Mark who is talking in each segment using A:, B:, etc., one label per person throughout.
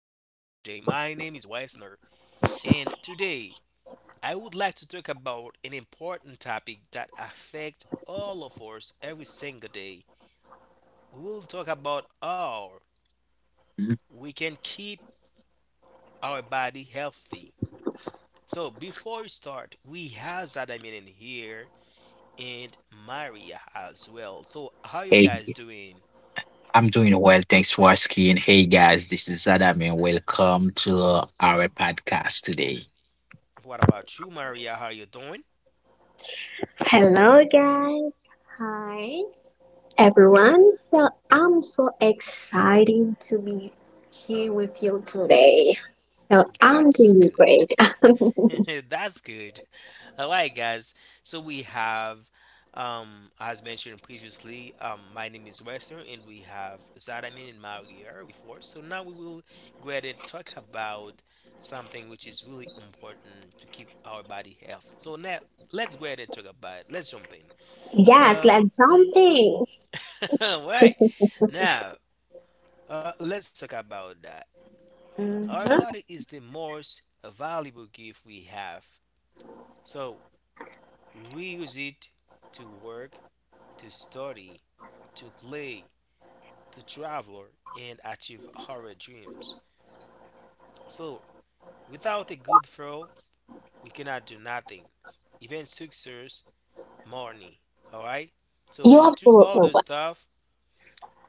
A: My name is Weisner, and today I would like to talk about an important topic that affects all of us every single day. We will talk about how
B: Mhm.
A: we can keep our body healthy. So before we start, we have Zadamin in here and Maria as well. So how you guys
B: Hey,
A: doing?
B: I'm doing well. Thanks for asking. Hey, guys, this is Adam, and welcome to our podcast today.
A: What about you, Maria? How you doing?
C: Hello, guys. Hi, everyone. So, I'm so excited to be here with you today. So, I'm
A: That's
C: doing
A: good.
C: great.
A: That's good. All right, guys. So we have, as mentioned previously, my name is Western, and we have Zadamin and Maria with us. So now we will go ahead and talk about something which is really important to keep our body health. So now let's go ahead and talk about it. Let's jump in.
C: Yes,
A: Uh,
C: let's jump in.
A: all right. Now let's talk about that. Our
C: Mhm.
A: body is the most valuable gift we have. So we use it to work, to study, to play, to travel, and achieve our dreams. So, without a good flow, we cannot do nothing, even success, money. All right. So
C: You
A: to do all
C: absolutely
A: those
C: will.
A: stuff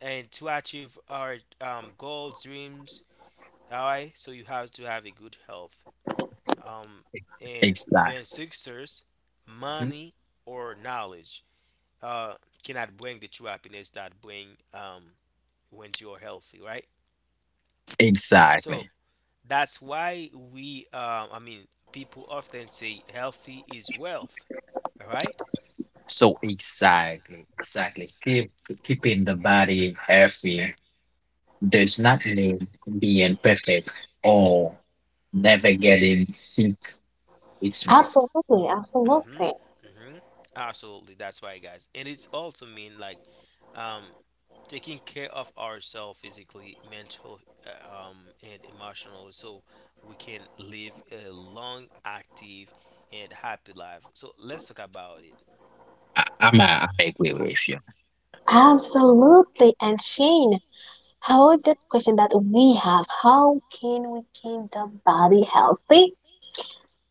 A: and to achieve our goals, dreams. All right. So you have to have a good health, um, and
B: Exactly.
A: even success, money, or knowledge. uh, cannot bring the true happiness that bring when you're healthy, right? So
B: Exactly.
A: that's why we, I mean, people often say healthy is wealth, all right?
B: So exactly, exactly. Keeping the body healthy does not mean being perfect or never getting sick. It's
C: Absolutely,
A: Mm-hmm.
C: absolutely,
A: Mm-hmm. Absolutely. That's why, guys. And it's also mean like um, taking care of ourselves physically, mental, uh, um, and emotional, so we can live a long, active, and happy life. So let's talk about it.
B: I'm agree with you.
A: Mm-hmm.
C: absolutely. And Shane, how that question that we have, how can we keep the body healthy?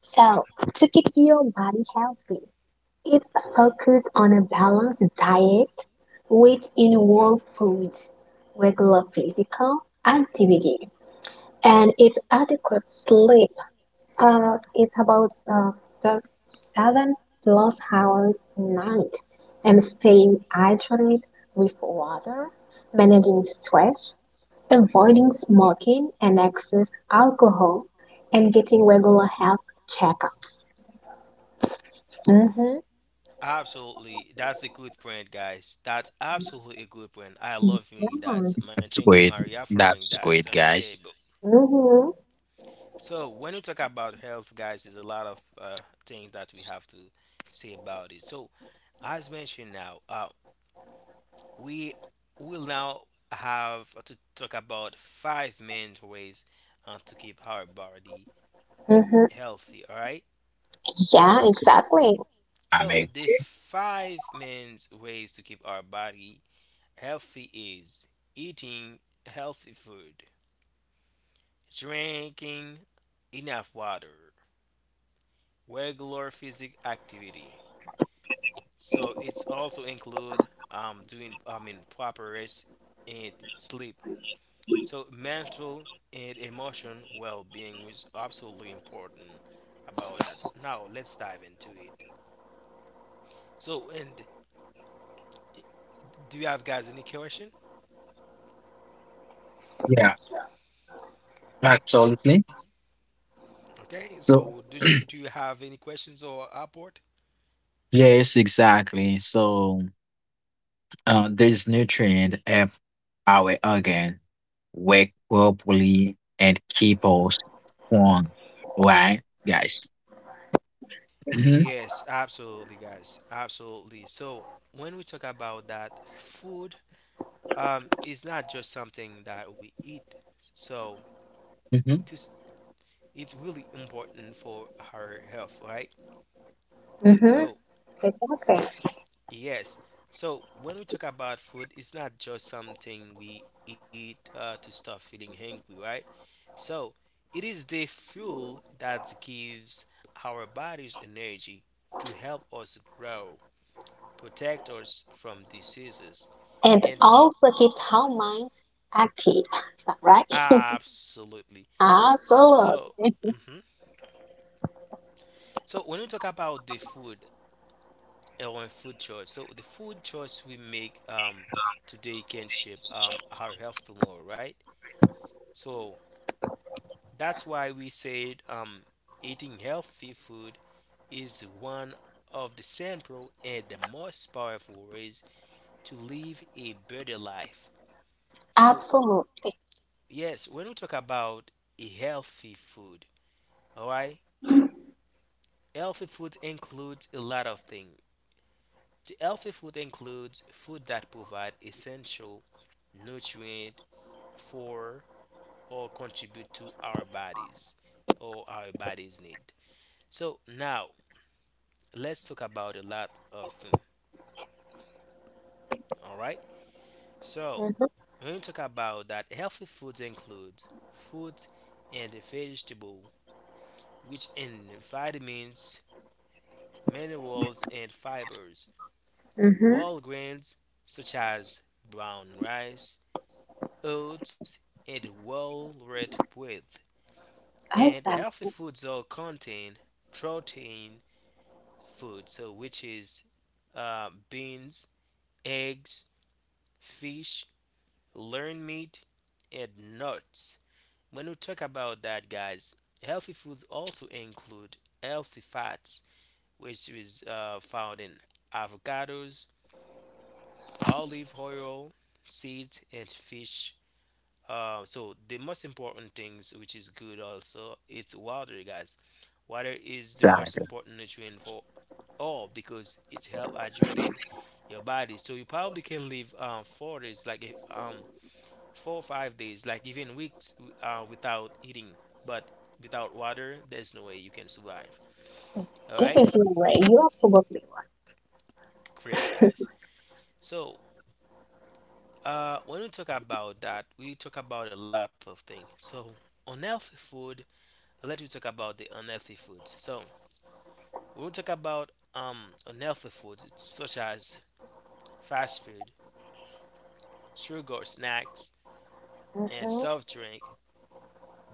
C: So, to keep your body healthy, it
A: Mm-hmm.
C: focuses on a balanced diet, which involves foods, regular physical activity, and it's adequate sleep. It's about seven plus hours a night, and staying hydrated with water, managing stress, avoiding smoking and excess alcohol, and getting regular health checkups. Mm-hmm.
A: Absolutely. That's a good point, guys. That's absolutely a good point. I love hearing that. Man,
B: That's
A: thank you,
B: great.
A: Maria, for bringing
B: That's
A: that
B: great,
A: on the
B: guys.
A: table.
C: Mm-hmm.
A: So, when we talk about health, guys, there's a lot of things that we have to say about it. So, as mentioned now, we will now have to talk about five main ways to keep our body
C: Mm-hmm.
A: healthy, all right?
C: Yeah, exactly.
B: I
A: So,
B: mean,
A: the five main ways to keep our body healthy is eating healthy food, drinking enough water, regular physical activity. So it's also include doing, I mean, proper rest and sleep. So mental and emotion well-being is absolutely important about that. Now let's dive into it. So and do you have guys any question?
B: yeah, absolutely.
A: Okay.
B: So
A: So did you do you have any questions or report?
B: yes, exactly. So This nutrient help our organ work properly and keep us strong. Right, guys? Hmm.
A: Yes, absolutely, guys. Absolutely. So when we talk about that, food is not just something that we eat. So
B: Hmm.
A: to, s- it's really important for our health, right?
C: hmm
A: So
C: Exactly.
A: yes. So when we talk about food, it's not just something we eat to stop feeling hungry, right? So it is the fuel that gives our bodies energy to help us grow, protect us from diseases
C: And
A: and
C: also keeps our minds active. Is that right?
A: absolutely. So,
C: Absolutely.
A: mhm, so when we talk about the food or food choice, so the food choice we make today can shape our health tomorrow, right? So that's why we said eating healthy food is one of the simple and the most powerful ways to live a better life. So
C: Absolutely.
A: yes, when we talk about a healthy food, all right, healthy food includes a lot of things. The healthy food includes food that provide essential nutrient for or contribute to our bodies or our bodies need. So now let's talk about a lot of them. All right. So
C: Mm-hmm.
A: when we talk about that, healthy foods include fruits and vegetable, which in vitamins, minerals, and fibers.
C: Mm-hmm.
A: Whole grains such as brown rice, oats, and whole red bread. And
C: Exactly.
A: healthy foods all contain protein food, so which is beans, eggs, fish, lean meat, and nuts. When we talk about that, guys, healthy foods also include healthy fats, which is found in avocados, olive oil, seeds, and fish. So the most important things which is good also it's water, guys. Water is the most
B: Exactly.
A: important nutrient for all because it's help hydrated your body, so you probably can live 4 days, like 4 or 5 days, like even weeks without eating, but without water there's no way you can survive, all
C: There
A: right.
C: is no way. You're absolutely
A: Great, guys. So when we talk about that, we talk about a lot of things. So unhealthy food, let you talk about the unhealthy foods. So when we talk about unhealthy foods, it's such as fast food, sugar snacks,
C: right.
A: and
C: Mm-hmm.
A: soft drink,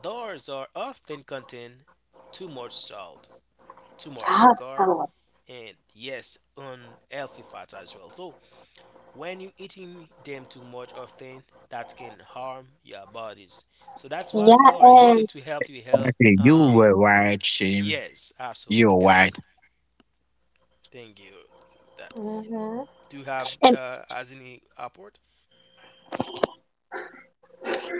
A: those are often contain too much salt, too much sugar,
C: Absolutely.
A: and yes, unhealthy fats as well. So when you eating them too much often, that can harm your bodies. So that's why
C: Yeah,
A: we are here
C: and
A: to help you help.
B: Okay, you
A: Um,
B: were right, Shim.
A: yes, absolutely,
B: You're right.
A: guys. Thank you for that.
C: Mhm.
A: Do you have
C: and
A: as any airport?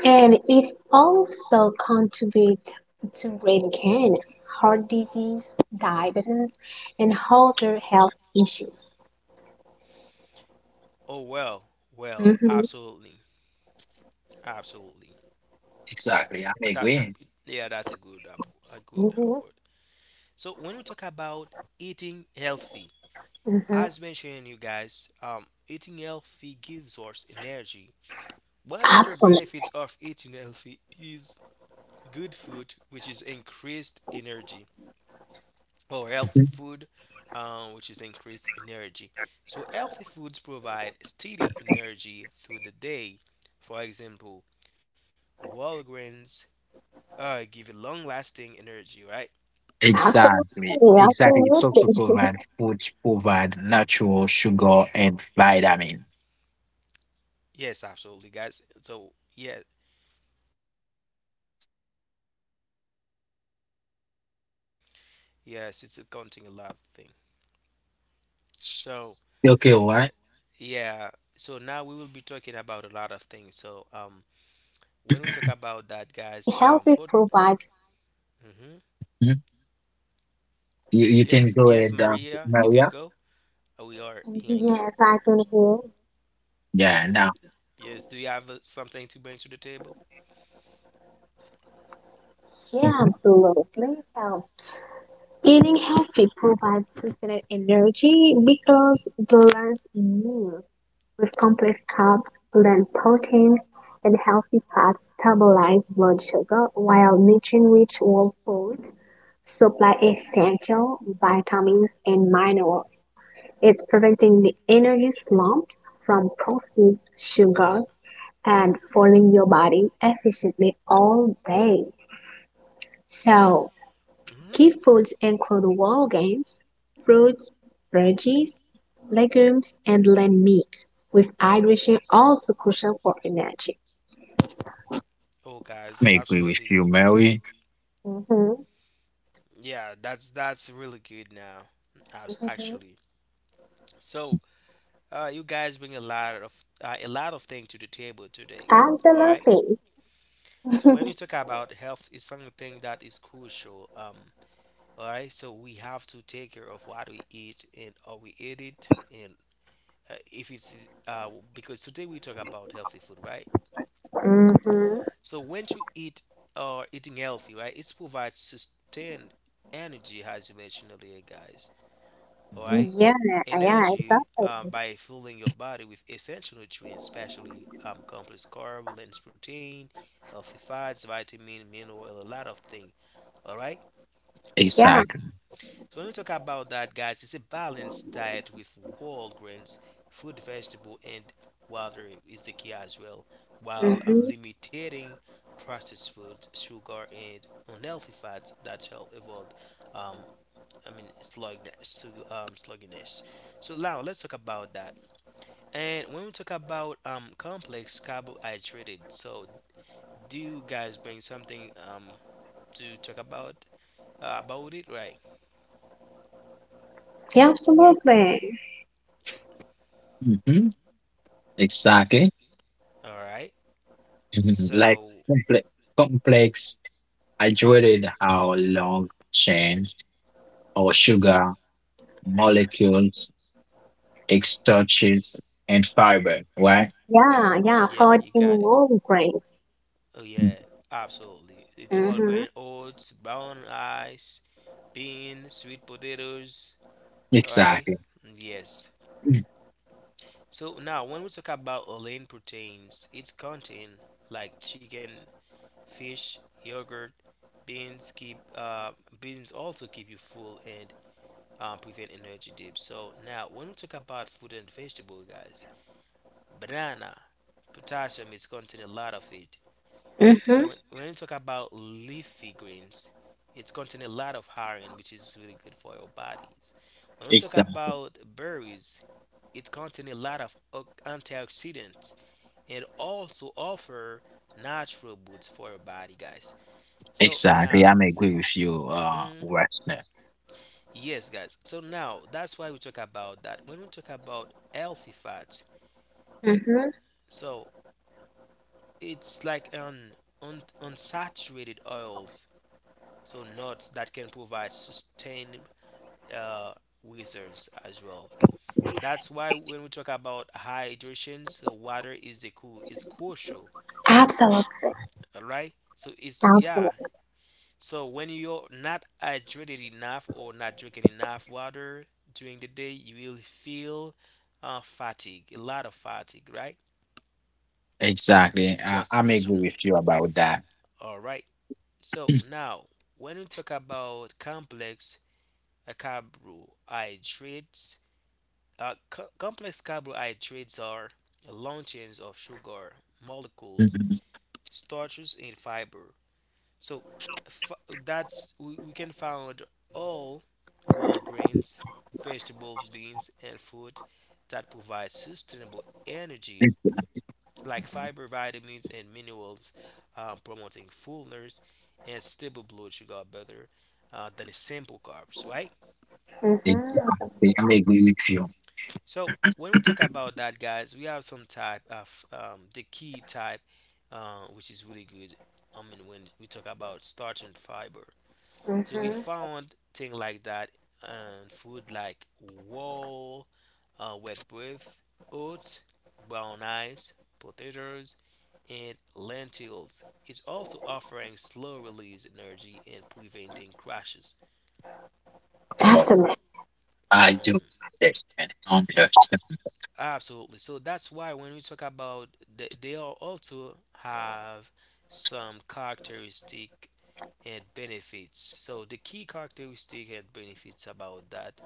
C: and it also contribute to brain can heart disease, diabetes, and other health issues.
A: Oh well, well,
C: Mm-hmm.
A: absolutely, absolutely.
B: Exactly. I'm
A: That's a
B: agreeing.
A: yeah, that's a good app, a good
C: Mm-hmm.
A: airport. So when we talk about eating healthy, as mentioned, you guys, eating healthy gives us energy. One major
C: Mm-hmm.
A: benefit of eating healthy is good food, which is increased energy. Or healthy
B: Mhm.
A: food, which is increased energy. So, healthy foods provide steady energy through the day. For example, whole grains give a long lasting energy, right?
B: Exactly.
C: Absolutely,
B: Exactly. It's
C: absolutely.
B: also provide food, provide natural sugar and vitamin.
A: Yes,
C: And
A: absolutely, guys.
C: and
A: So,
C: eating
A: yeah,
C: healthy provides sustained energy because balanced meals with complex carbs, lean
A: yes, it's
C: proteins, and
A: accounting a
C: healthy
A: lot of
C: fats
A: things.
C: stabilize blood
A: So,
C: sugar.
B: Okay, why?
A: yeah, so now we will be talking about a lot of things. So, when we talk about that, guys, put, hmm,
B: Mhm. You can
A: yes,
B: go
A: yes,
B: ahead,
A: Maria, you can
B: Maria.
A: go. We are hearing you.
C: Yes, I can hear.
B: Yeah, now.
A: Yes, do you have something to bring to the table?
C: Yeah,
B: Mhm.
C: absolutely. So eating healthy provides sustained energy because balanced meals with complex carbs, plant proteins, and healthy fats stabilize blood sugar, while nutrient-rich whole foods supply essential vitamins and minerals. It's preventing the energy slumps from processed sugars and fueling your body efficiently all day. So,
A: Hmm.
C: key foods include whole grains, fruits, veggies, legumes, and lean meats, with hydration also crucial for energy.
A: Oh, guys,
B: I agree with
A: absolutely.
B: you, Mary.
C: Mm-hmm.
A: Yeah, that's really good now,
C: Mm-hmm.
A: actually. So, you guys bring a lot of things to the table today. All right.
C: Absolutely.
A: So when you talk about health, it's something that is crucial. All right. So we have to take care of what we eat and how we eat it, and if it's because today we talk about healthy food, right?
C: hmm
A: So when you eat or eating healthy, right, it provides sustained energy, as you mentioned earlier, guys. All
B: Mhm.
A: right,
C: Yeah, yeah,
A: energy
C: exactly.
A: by filling your body with essential nutrients, especially complex carb, lens protein, healthy fats, vitamin, mineral, and a lot of things. All right,
C: Yeah.
B: Exactly.
A: so when we talk about that, guys, it's a balanced diet with whole grains, fruit, vegetable, and water is the key as well, while
C: Mm-hmm.
A: limiting processed foods, sugar, and unhealthy fats that help avoid, um, I mean, sluggish, sluggishness. So now let's talk about that. And when we talk about complex carbohydrates, so do you guys bring something to talk about it, right?
C: Yeah, absolutely.
B: Mhm. Exactly.
A: All right.
B: Mhm. Like
A: So
B: comple complex, I dreaded how long chain or sugar molecules, starches, and fiber, right?
C: Yeah, yeah,
A: yeah,
C: food
A: you
C: in
A: got it.
C: whole grains.
A: Oh
B: Mm.
A: yeah, absolutely. It's all
C: Mm-hmm.
A: grain oats, brown rice, beans, sweet potatoes. All right.
B: Exactly.
A: Yes.
B: Mm.
A: So now, when we talk about lean proteins, its content like chicken, fish, yogurt, beans keep uh, beans also keep you full and prevent energy dips. So now, when we talk about fruit and vegetable, guys, banana, potassium is contain a lot of it.
C: hmm
A: So when you talk about leafy greens, it's contain a lot of iron, which is really good for your bodies. When we talk
B: Exactly.
A: about berries, it contain a lot of antioxidants and also offer natural boosts for your body, guys. So
B: Exactly.
A: now,
B: I'm agree with you,
A: hmm,
B: Westner.
A: yes, guys. So now that's why we talk about that. When we talk about healthy fats,
C: Mm-hmm.
A: so it's like un, un unsaturated oils, so nuts that can provide sustained uh, reserves as well. That's why when we talk about hydration, so water is the cool is crucial.
C: Absolutely.
A: All right. So it's yeah.
C: Absolutely.
A: So when you're not hydrated enough or not drinking enough water during the day, you will feel
C: You absolutely right.
A: fatigue, a lot of fatigue, right?
B: Exactly. I,
A: Just to
B: I'm
A: let you
B: agree
A: know.
B: with you about that.
A: All right. So
B: They,
A: now when we talk about complex carbohydrates. Complex carbohydrates are long chains of sugar molecules, starches, and fiber. So that's we can find all whole grains, vegetables, beans, and food that provide sustainable energy, like fiber, vitamins, and minerals, promoting fullness and stable blood sugar better than a simple carbs, right?
C: Mm-hmm.
B: they agree with you.
A: So when we talk about that, guys, we have some type of the key type, which is really good. I mean, when we talk about starting fiber, so we
C: Mm-hmm.
A: found thing like that and food like wool, wet breath, oats, brown rice, potatoes, and lentils. It's also offering slow release energy and preventing crashes.
B: Oh,
C: Absolutely.
B: I do
A: Mhm.
B: understand. Understand.
A: Absolutely. So that's why when we talk about they all also have some characteristic and benefits. So the key characteristic and benefits about that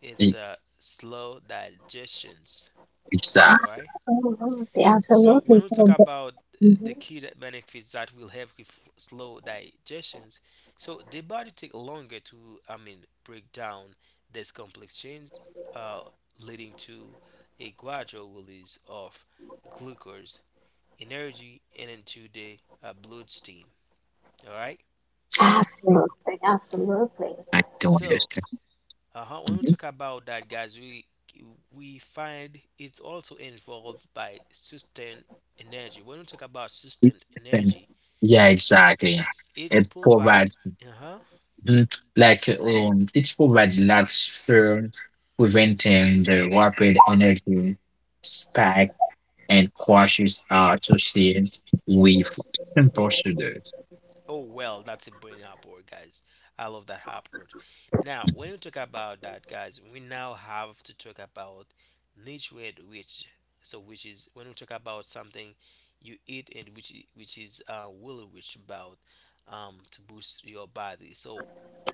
A: is
B: It-
A: slow digestions.
B: It's
A: All right.
C: Oh, absolutely,
A: So when
C: absolutely.
A: we talk
C: for the-
A: about the
C: Mhm.
A: key that benefits that will help with slow digestions, so the body take longer to, I mean, break down this complex change, uh, leading to a gradual release of glucose energy and into the bloodstream. All right.
C: Absolutely, absolutely.
B: I do
A: So,
B: understand.
A: uh when we
B: Mhm.
A: talk about that, guys, we find it's also involved by sustained energy. When we talk about sustained
B: Then-
A: energy,
B: Yeah, exactly.
A: it
B: It
A: provide
B: provides.
A: uh-huh.
B: Mhm. Like it provides large firm, preventing the rapid energy spike and crashes are associated with simple shooters.
A: Oh well, that's a bring up word, guys. I love that up word. Now, when we talk about that, guys, we now have to talk about nutrient rich. So, which is when we talk about something you eat and which is will rich about to boost your body. So,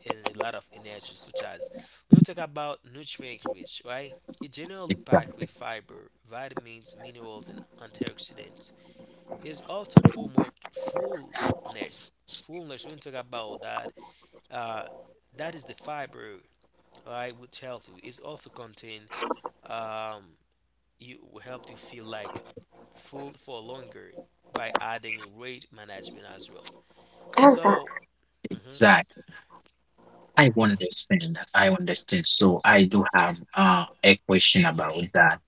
A: and a lot of energy, such as when we talk about nutrient rich, right? It generally packed
B: Exactly.
A: with fiber, vitamins, minerals, and antioxidants is also promote fullness. Fullness, we talk about that. Uh, that is the fiber, right? Which help you. It's also contain um, you will help you feel like full for longer by adding a weight management as well.
C: As a
A: So, mhm,
B: Exactly. I understand. I understand. So I do have a question about that.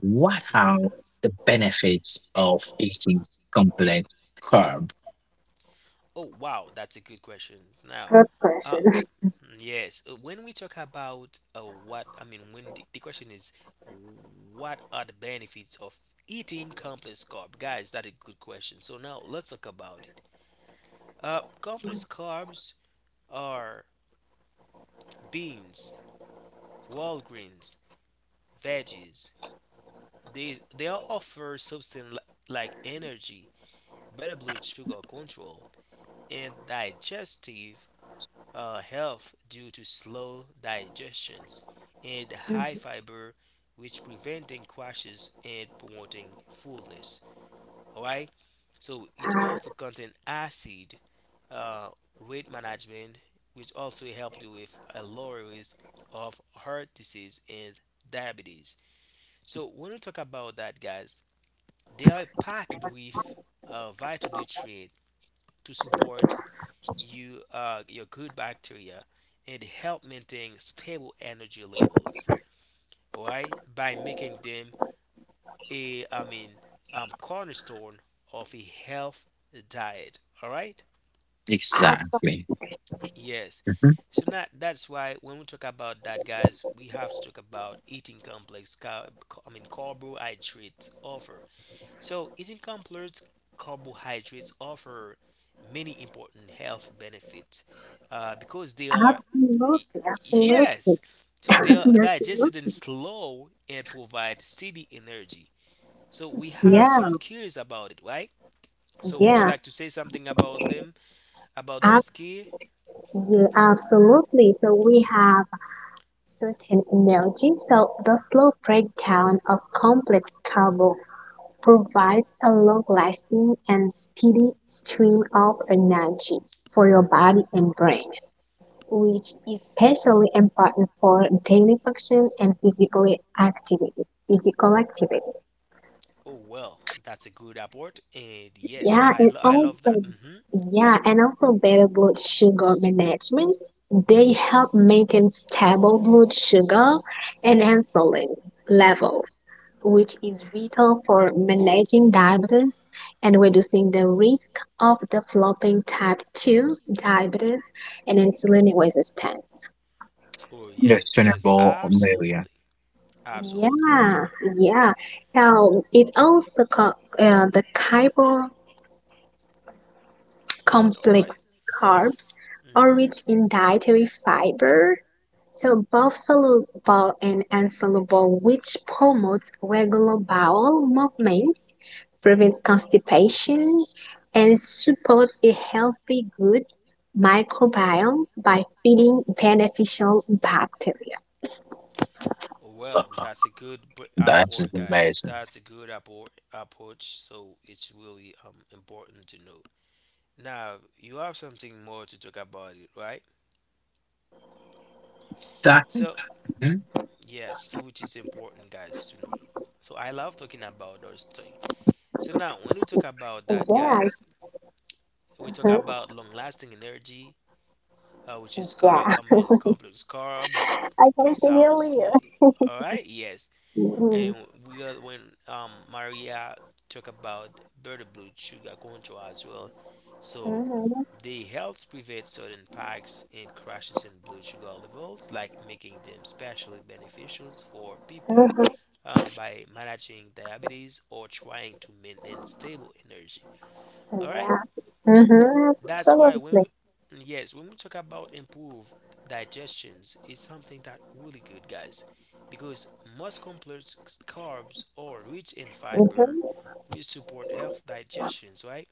B: What are
A: mhm.
B: the benefits of eating complex carb?
A: Oh wow, that's a good question. Now,
C: good
A: uh,
C: person.
A: Yes, when we talk about what I mean, when the question is, what are the benefits of eating complex carb? Guys, that is a good question. So now let's talk about it. Complex carbs are beans, whole grains, veggies. They all offer like energy, better blood sugar control, and digestive health due to slow digestions and high fiber, which preventing crashes and promoting fullness. All right. So it
C: Uh,
A: also contain acid, uh, weight management, which also help you with a lower risk of heart disease and diabetes. So
C: so,
A: when we talk about that, guys, they are packed with vital nutrients to support you your good bacteria and help maintain stable energy levels, right? By making them a I mean cornerstone of a health diet. All right?
C: abso-
B: Exactly.
A: Yes.
B: Mhm.
A: So now that's why when we talk about that, guys, we have to talk about eating complex carb. I mean carbohydrates offer Eating complex carbohydrates offer many important health benefits because they are, y-
C: absolutely, absolutely.
A: yes, so they are
C: Absolutely.
A: digested in slow and provide steady energy. So, we have
C: Yeah,
A: some cures about it, right? So, would you
C: yeah.
A: like to say something about them, about those
C: Abs
A: cures?
C: Yeah, absolutely. So we
A: Hmm.
C: have certain energy. So the slow breakdown of complex carbo provides a long-lasting and steady stream of energy for your body and brain, which is especially important for daily function and physical activity.
A: Oh, well, that's a good report. And yes,
C: Yeah, and
A: I love that. Hmm.
C: also better blood sugar management. They help maintain stable blood sugar and insulin levels, which is vital for managing diabetes and reducing the risk of developing type 2 diabetes and insulin resistance.
A: Oh, yes, yes,
B: Questionable Amelia.
A: absolutely. Absolutely,
C: Yeah,
A: Maria.
C: yeah. So it also co the chiral
A: All right.
C: complex carbs are
A: Mm-hmm.
C: rich in dietary fiber, so both soluble and insoluble, which promotes regular bowel movements, prevents constipation, and supports a healthy, good microbiome by feeding beneficial bacteria.
A: Well,
B: Uh-huh.
A: that's a good
B: Is
A: approach, guys.
B: amazing.
A: That's a good
C: Yeah,
A: approach. So it's really important to know. Now you have something more to talk about it, right?
B: Exactly.
A: So
B: Mhm.
A: yes, so which is important, guys, to know. So I love talking about those things. So now when
C: yeah.
A: we talk about that, guys,
C: Mhm.
A: we talk about long-lasting energy, which
C: Yeah.
A: is carb. I mean, complex carb.
C: I can see
A: It
C: the
A: breaks down
C: earlier.
A: slowly. All right. Yes.
C: Mm-hmm.
A: And we are when Maria talk about bird blood sugar control as well. So
C: Mm-hmm.
A: they help prevent certain spikes and crashes in blood sugar levels, like making them especially beneficial for people
C: Mm-hmm.
A: by managing diabetes or trying to maintain stable energy. All right.
C: Yeah. Mm-hmm.
A: That's why when
C: Absolutely.
A: we, Yes, when we talk about improved digestions, it's something that really good, guys, because most complex carbs are rich in fiber,
C: Mm-hmm.
A: which support health digestions, right?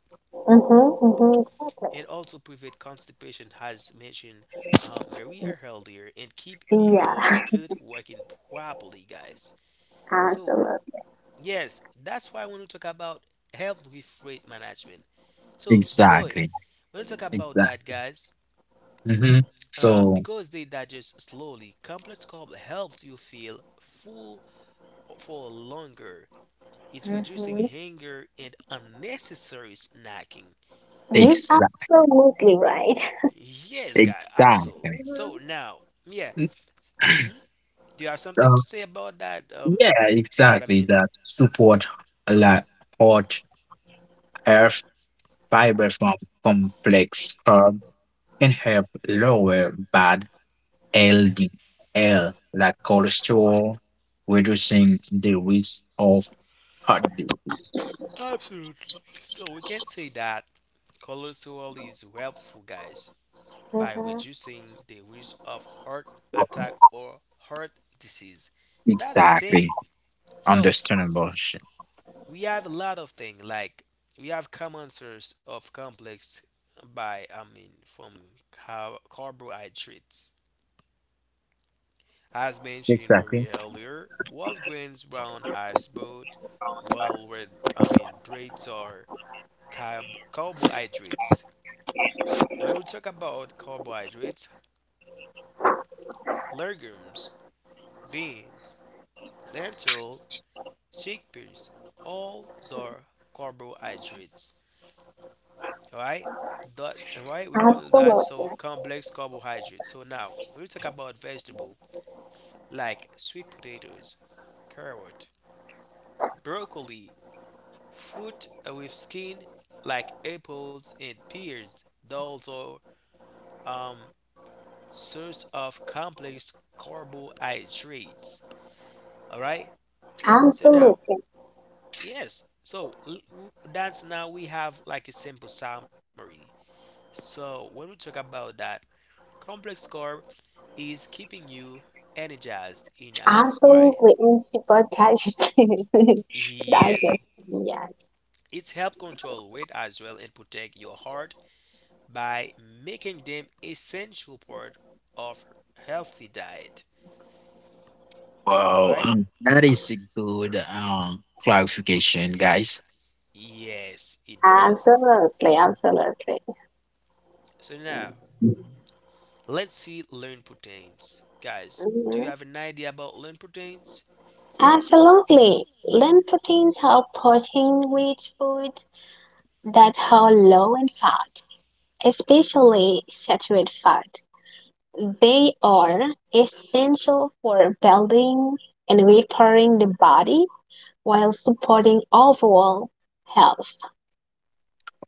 C: Mm-hmm. Mm-hmm. Exactly.
A: And also prevent constipation, as mentioned earlier, and keep your
C: Yeah.
A: gut working properly, guys. So
C: Absolutely.
A: yes, that's why when we talk about help with weight management. So because
B: Exactly.
A: when we talk about
B: Exactly.
A: that, guys,
B: Mhm. So
A: Because they digest slowly, complex carb helps you feel full for longer. It's reducing
C: Mm-hmm.
A: hunger and unnecessary snacking.
C: You're
B: exactly.
C: absolutely right.
A: Yes, guy, absolutely.
B: Exactly.
A: So
C: Mm-hmm.
A: now, yeah,
B: Mm.
A: hmm, do you have something
B: So
A: to say about that,
B: yeah, exactly.
A: Sadamin?
B: That support a lot hot hair fiber from complex carb can help lower bad LDL like cholesterol, reducing the risk of heart disease.
A: Absolutely. So we can say that cholesterol is helpful, guys, by
C: Mm-hmm.
A: reducing the risk of heart attack or heart disease. That's the thing.
B: Exactly.
A: So
B: Understandable. Sh-
A: we have a lot of things like we have common source of complex by I mean from car- carbohydrates. As mentioned
B: Exactly.
A: Maria earlier, whole grains, brown as both well red I mean breads are carbohydrates. When we talk about carbohydrates, legumes, beans, lentil, chickpeas, all are carbohydrates. All right, that all right, we call that
C: Absolutely.
A: so complex carbohydrate. So now when we talk about vegetable like sweet potatoes, carrot, broccoli, fruit with skin like apples and pears. Those are um source of complex carbohydrates. All right. So now,
C: Absolutely.
A: yes. So that's now we have like a simple summary. So when we talk about that, complex carb is keeping you energized enough, right?
C: Absolutely. And super casually.
A: Yes.
C: Yes.
A: It's help control weight as well and protect your heart by making them essential part of healthy diet. All
B: Wow,
A: right?
B: that is a good clarification, guys.
A: Yes, it does.
C: Absolutely. Absolutely.
A: So now, let's see lean proteins. Guys, do you
C: Mhm.
A: have an idea about lean proteins?
C: Absolutely. Lean proteins are protein-rich foods that are low in fat, especially saturated fat. They are essential for building and repairing the body while supporting overall health.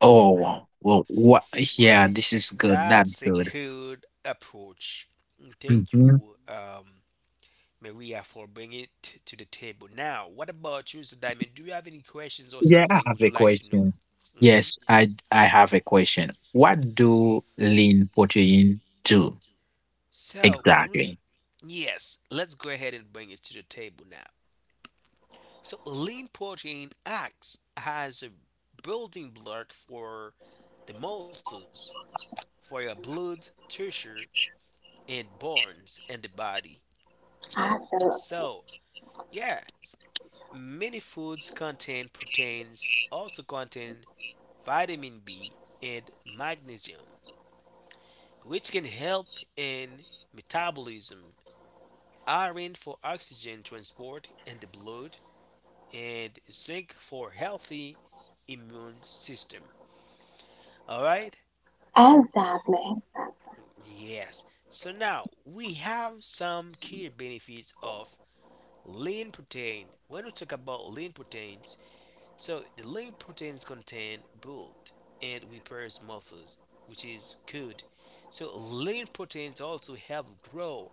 B: Oh, well, what? Yeah, this is good. That's
A: That's a
B: good.
A: good approach. Thank
B: Hmm.
A: you,
C: Absolutely.
A: Maria for bringing it to the table. Now, what about you, Mr. Diamond? Do you have any questions or
B: Yeah, I
A: something
B: have
A: would you
B: a
A: like to know?
B: question.
A: Hmm.
B: Yes, I have a question. What do lean protein do
A: So, when we,
B: exactly?
A: yes, let's go ahead and bring it to the table now. So, lean protein acts as a building block for the muscles, for your blood, tissue, and bones in the body.
C: Absolutely.
A: So, yes, many foods contain proteins, also contain vitamin B, and magnesium, which can help in metabolism, iron for oxygen transport in the blood, and zinc for healthy immune system. All right?
C: Exactly.
A: Yes. So now we have some key benefits of lean protein. When we talk about lean proteins, so the lean proteins contain build and repairs muscles, which is good. So lean proteins also help grow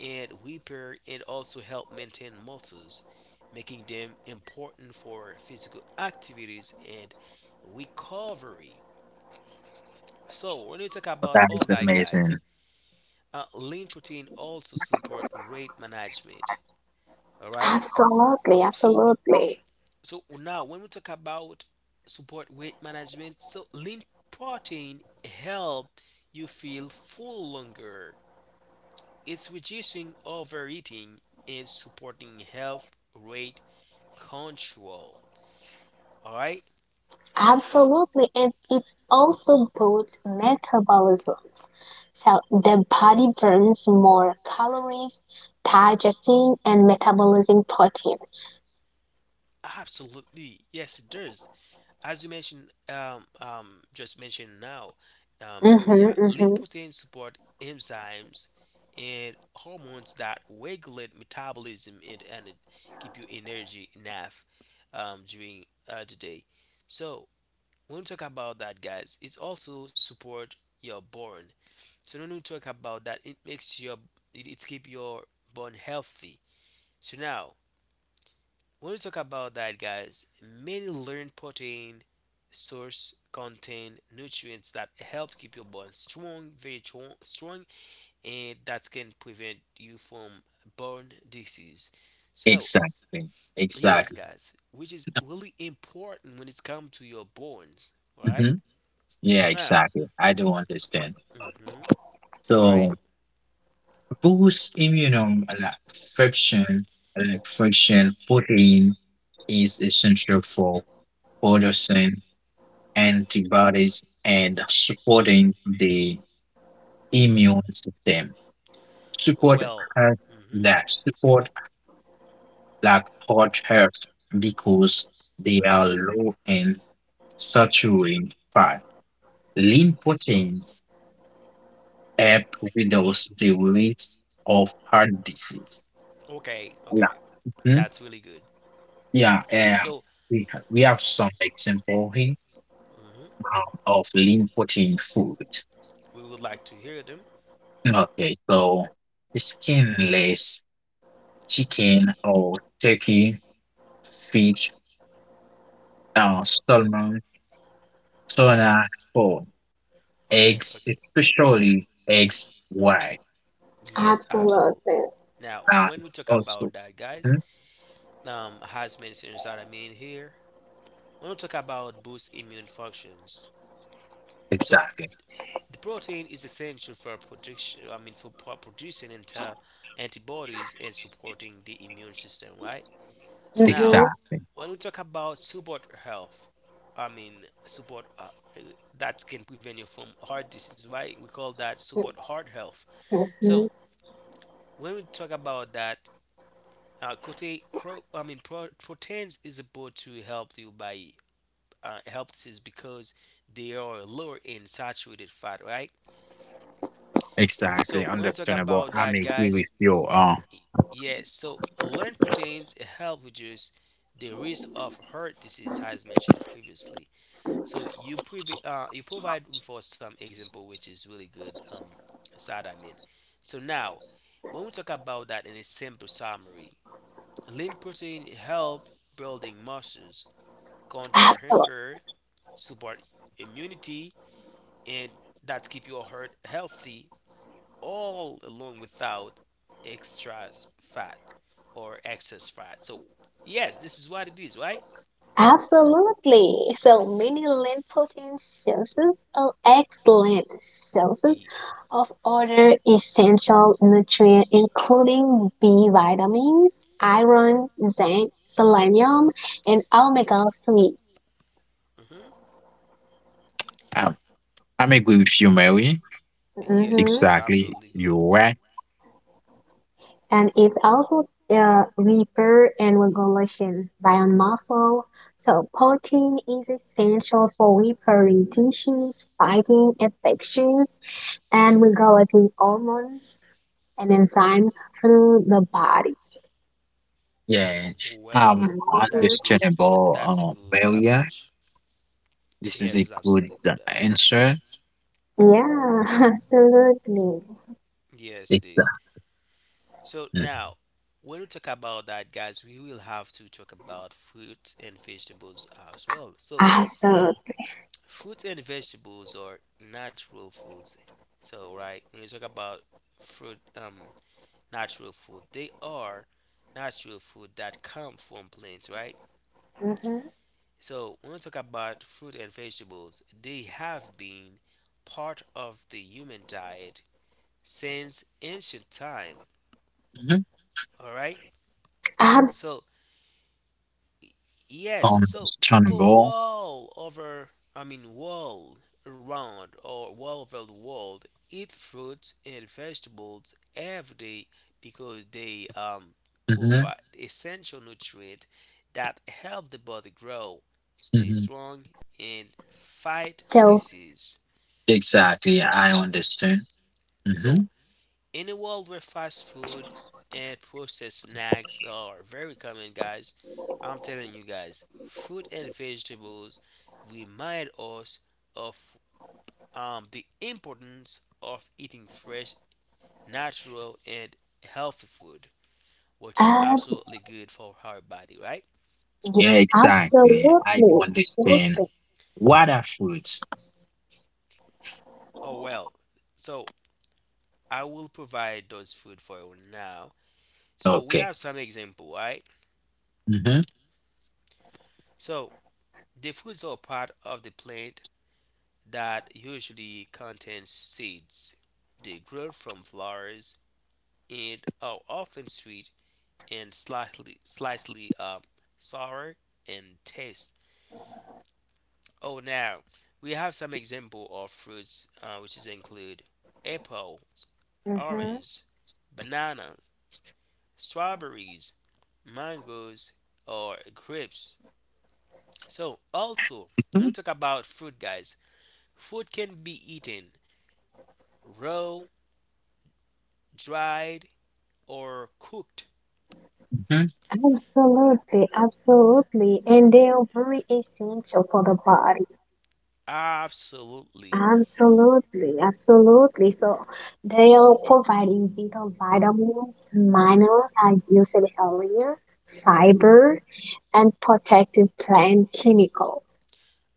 A: and repair and also help maintain muscles, making them important for physical activities and recovery. So when you talk about
B: That
A: all
B: is
A: that,
B: amazing.
A: guys, lean protein also support weight management. All right.
C: Absolutely.
A: So wh-
C: Absolutely.
A: so now when we talk about support weight management, so lean protein help you feel full longer. It's reducing overeating and supporting health rate control. All right?
C: Absolutely, and it also boosts metabolisms. So the body burns more calories, digesting and metabolizing protein.
A: Absolutely. Yes, it does. As you mentioned, just mentioned now, Maria,
C: Mm-hmm,
A: lean
C: mm-hmm.
A: proteins support enzymes and hormones that regulate metabolism and keep you energy enough during the day.
C: Absolutely,
A: So when we talk about that, guys, it's also support your bone. So when we talk about that, it makes your it keep your bone healthy. So now when we talk about that, guys, many lean protein source contain nutrients that help keep your bone strong, very strong, and that can prevent you from bone disease. So,
B: Exactly.
A: yes,
B: Exactly.
A: guys, which is really important when it's come to your bones. All right.
B: Hmm. Yeah,
A: So now,
B: exactly. I do understand.
A: mm-hmm, all right.
B: So, boosts immune friction, like friction protein is essential for producing antibodies and supporting the immune system. Support
A: Well,
B: heart
A: mm-hmm.
B: like support like heart health because they are low in saturated fat. Lean proteins help reduce the risk of heart disease.
A: Okay,
B: Like
A: okay, that's really good.
B: yeah,
A: So,
B: we have some example here,
A: hmm,
B: of lean protein food.
A: we would like to hear them.
B: Okay, so skinless chicken or turkey, fish, salmon, tuna, pork,
A: Okay,
B: eggs,
A: okay.
B: especially eggs
A: Hmm.
B: white.
A: Yes, absolutely.
C: absolutely.
A: Now,
B: Uh,
A: when we talk
B: also,
A: about that,
B: mhm.
A: guys, has mentioned that I mean here, when we talk about boost immune functions, so
B: Exactly,
A: the protein is essential for protection. I mean, for producing antibodies and supporting the immune system, right? So
C: Mm-hmm,
A: now,
B: exactly,
A: when we talk about support health, I mean support uh, that can prevent you from heart disease, right? We call that support
C: mm-hmm.
A: heart health. So
C: Mm-hmm.
A: when we talk about that, proteins is about to help you by helps is because they are lower in saturated fat, right?
B: exactly.
A: So when we talk
B: Understandable.
A: about
B: I'm
A: that,
B: agree
A: guys,
B: with you.
A: yes. So learn proteins help reduce the risk of heart disease, as mentioned previously. So you you provide for some example, which is really good. Side I mean. So now, when we talk about that in a simple summary, lean protein help building muscles, control
C: Absolutely.
A: hunger, support immunity, and that keep your heart healthy all along without extra fat or excess fat. So yes, this is what it is, right?
C: Absolutely. So many lean protein sources are excellent sources
A: Ye-
C: of other essential nutrients, including B vitamins, iron, zinc, selenium, and omega 3.
A: mhm.
B: I I'm agree with you, Mary.
A: Yes, which
C: Mm-hmm.
A: is
B: Exactly,
A: absolutely
B: you're
A: good.
B: right.
C: And it's also repair and regulation by muscle. So protein is essential for repairing tissues, fighting infections, and regulating hormones and enzymes through the body.
B: Yes,
A: Well, that's a
C: Mhm.
A: good
B: understandable,
A: that's a good
B: well, yeah.
A: approach.
B: This is
A: Yes,
B: a
A: it's
B: good
A: absolutely good approach.
B: answer.
C: Yeah, absolutely.
A: Yes,
B: It's,
A: it is. So
B: mm.
A: now, when we talk about that, guys, we will have to talk about fruits and vegetables as well. So,
C: Absolutely.
A: fruits and vegetables are natural foods. So, right, when we talk about fruit, natural food, they are natural food that come from plants, right?
C: Mhm.
A: So, when we talk about fruit and vegetables, they have been part of the human diet since ancient time,
B: Mhm.
A: all right? So,
C: Absolutely, absolutely. So,
A: yes, so people
B: Understandable.
A: wall over, I mean,
C: so
A: wall
C: fruits
A: around
C: and
A: or wall
C: vegetables
A: over the
C: are
A: world
C: essential
A: eat
C: component of
A: fruits
C: healthy
A: and
C: diet.
A: vegetables
C: So it's
A: every day
C: providing vital
A: because they
C: vitamins.
B: Mhm,
A: provide essential nutrients that help the body grow, stay
B: mhm.
A: strong, and fight disease.
B: Exactly, I understand.
A: So,
B: Mhm.
A: in a world where fast food and processed snacks are very common, guys, I'm telling you guys, fruit and vegetables remind us of the importance of eating fresh, natural, and healthy food, which is
C: Uh,
A: absolutely good for our body, right?
C: yeah,
B: Yeah, exactly. I do
C: absolutely,
B: understand.
C: absolutely.
B: What are foods?
A: Oh, well, so I will provide those food for you now. So we
B: Okay.
A: have some example, right?
B: Mhm,
A: So the foods are part of the plant that usually contains seeds. They grow from flowers and are often sweet and slightly sour in taste. Oh, now we have some example of fruits which is include apples,
C: Mhm.
A: orange, bananas, strawberries, mangoes, or grapes. So also when we
B: mhm,
A: talk about fruit, guys, fruit can be eaten raw, dried, or cooked.
B: mhm.
C: Absolutely, absolutely, and they are very essential for the body.
A: Absolutely.
C: Absolutely, absolutely. So they are providing vital vitamins, minerals, as you said earlier, fiber, and protective plant chemicals.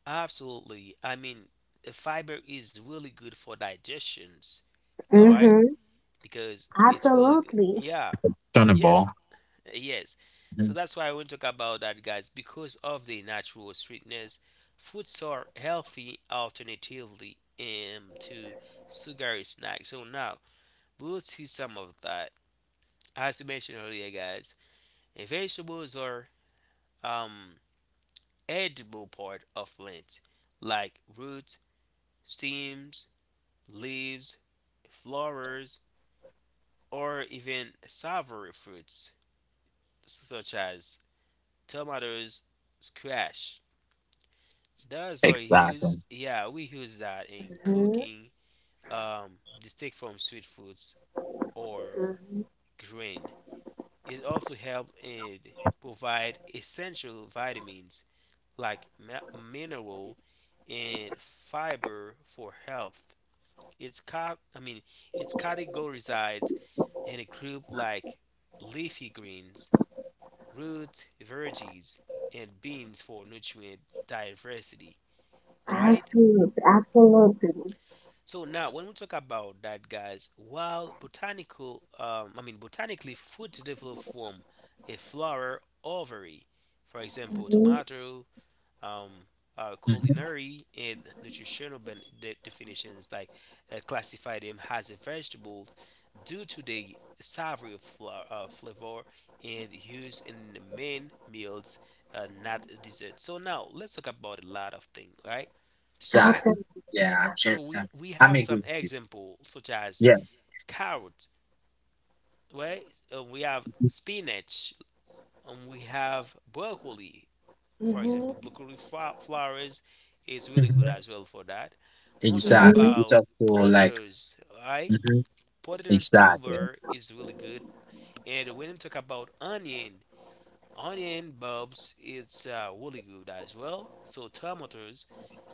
A: Absolutely. Fiber is really good for digestions. All right?
C: Mm-hmm.
A: Because it's really good.
C: Absolutely,
A: Yeah. Yes.
B: Understandable.
A: Yes. So
B: Mhm.
A: that's why I want to talk about that, guys. Because of the natural sweetness, foods are healthy alternatively to sugary snacks. So now we'll see some of that.
C: absolutely.
A: As you mentioned earlier, guys, vegetables are um, edible part of plants like roots, stems, leaves, flowers, or even savory fruits such as tomatoes, squash. Those are
B: Exactly.
A: used, yeah, we use that in
C: Mm-hmm.
A: cooking, distinct from sweet foods or
C: Mm-hmm.
A: grain. It also helps in provide essential vitamins like mineral and fiber for health. It's cat I mean it's categorized in a group like leafy greens, roots, veggies, and beans for nutrient diversity. All right.
C: Absolutely, absolutely.
A: So now when we talk about that, guys, while botanically, food develop from a flower ovary, for example,
C: Mm-hmm.
A: tomato, um,
B: Mhm.
A: culinary and nutritional definitions like classify them as a vegetables due to the savory flavor and use in the main meals, not dessert. So now let's talk about a lot of things, right?
B: Exactly.
C: Absolutely.
B: Yeah, I'm sure.
A: So we we
B: I'm
A: have
B: agree
A: some
B: with you.
A: examples such as
B: Yeah.
A: carrots, right? We have spinach, and we have broccoli. For example,
C: Mm-hmm.
A: broccoli flowers is really good
B: Mhm.
A: as well for that. When we talk
B: Exactly.
C: Mm-hmm.
B: It's
A: about
B: up to like.
A: potatoes, right?
B: Mhm.
A: Potatoes
B: Exactly.
A: tuber is really good. And when we talk about onion, onion bulbs, it's really good as well. So tomatoes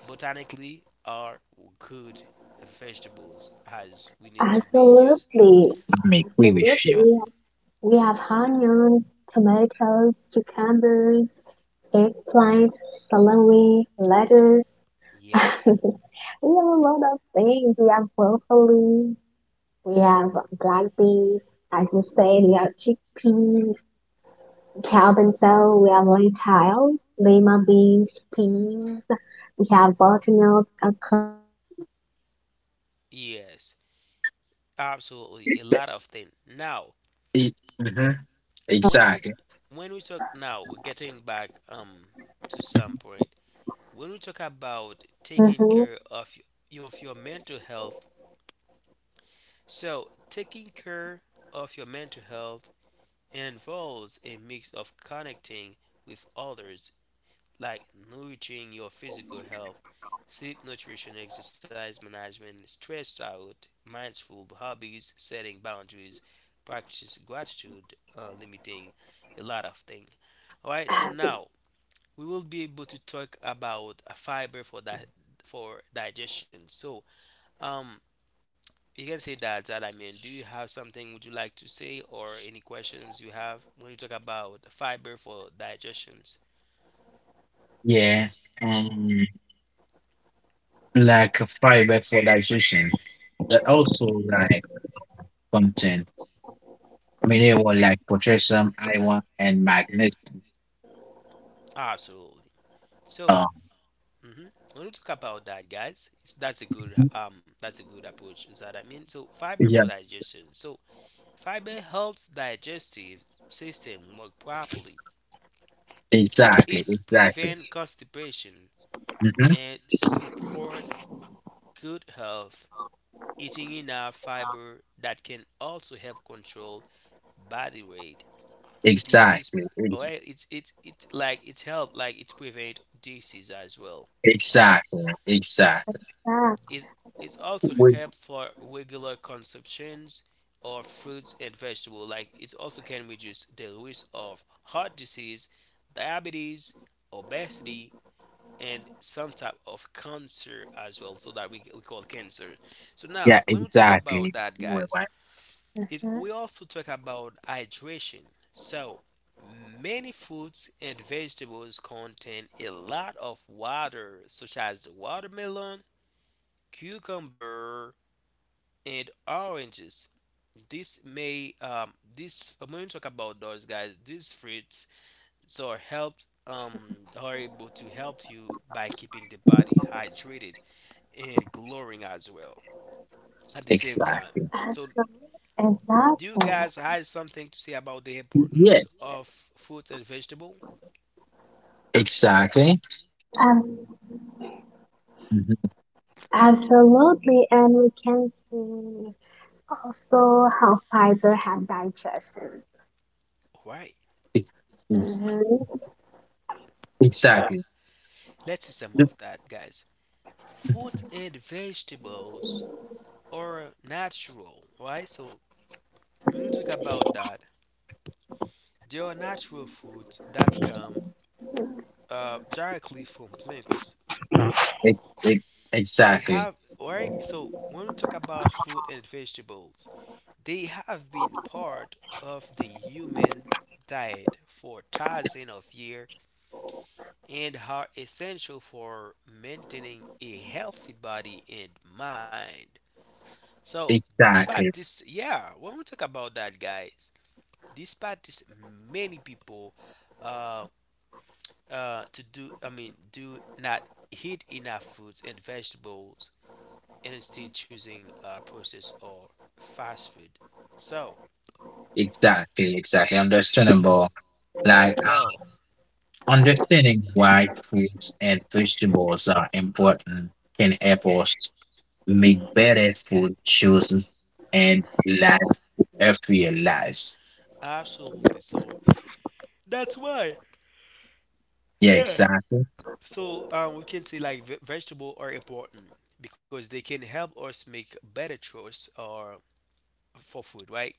A: botanically are good vegetables as we need to be used.
C: Absolutely,
B: I'm agree with
C: absolutely.
B: you.
C: We have onions, tomatoes, cucumbers, eggplants, celery, lettuce.
A: Yes,
C: We have a lot of things. We have broccoli. We have black beans. As you said, we have chickpeas, Calvin cell. We have lentil, lima beans, peas. We have butternut, okra. Also, we have a lot of
A: yes,
C: things.
A: absolutely. A lot of things. Now,
B: It, mhm.
A: when we
B: Exactly.
A: when we talk now getting back to some point when we talk about
C: hmm
A: taking care of your mental health, so taking care of your mental health involves a mix of connecting with others like nurturing your physical health, sleep, nutrition, exercise management, stress out, mindful hobbies, setting boundaries, practice gratitude, limiting a lot of things. All right, so
C: As you
A: now we will be able to talk about a fiber for that for digestion. So, um, you can say that, do you have something would you like to say or any questions you have when you talk about fiber for digestions?
B: Yes. And like fiber fertilization, but also like content mineral like potassium, iron, and magnesium.
A: Absolutely. So,
B: Mhm.
A: hmm when we talk about that, guys, it's, that's a good approach. Is that I mean? So fiber
B: Yeah.
A: for digestion. So fiber helps digestive system work properly.
B: Exactly.
A: It's
B: Exactly.
A: prevent constipation
B: Mhm.
A: and support good health. Eating enough fiber that can also help control body weight. This is
B: Exactly.
A: well, it's help like it's prevent disease as well. All right.
B: Exactly. Exactly.
C: said.
A: It, it also help for regular consumptions of fruits and vegetables. Like it also can reduce the risk of heart disease, diabetes, obesity, and some type of cancer as well. So that we call cancer. So now
B: Yeah,
A: when we talk about
B: exactly.
A: that,
B: You know
A: guys,
B: right.
A: it
C: That,
A: we also talk about hydration. So many fruits and vegetables contain a lot of water, such as watermelon,
C: Europe's so big, right?
A: cucumber, and oranges. This may this When we talk about those guys, these fruits so are helped are able to help you by keeping the body hydrated and glowing as well at the same
C: As
A: time.
C: well.
B: Exactly.
A: So
C: Exactly.
A: do you guys have something to say about the importance
B: Yes,
A: of fruit and vegetable?
B: exactly.
C: As
B: Mhm.
C: Absolutely, and we can see also how fiber have digestion.
A: Alright.
B: Ex- ex-
C: Mm-hmm.
A: So now
B: exactly.
A: let's see some
B: Yep.
A: of that guys. Fruit and vegetables are natural, right? So when we talk about that, they are natural foods that come directly from plants.
B: Ex- ex-
A: They
B: Exactly.
A: have, right? So when we talk about fruit and vegetables, they have been part of the human diet for thousands of years and are essential for maintaining a healthy body and mind. So, despite
B: Exactly.
A: this, yeah, when we talk about that, guys, despite this, many people uh, to do I mean do not eat enough fruits and vegetables and instead choosing processed or fast food. So
B: Exactly. Exactly. Understandable. Like
A: well,
B: understanding why fruits and vegetables are important can help us make better food choices and live healthier lives.
A: absolutely. So that's why.
B: Yeah,
A: Yeah.
B: exactly.
A: So we can say like vegetable are important because they can help us make better choice or for food, right?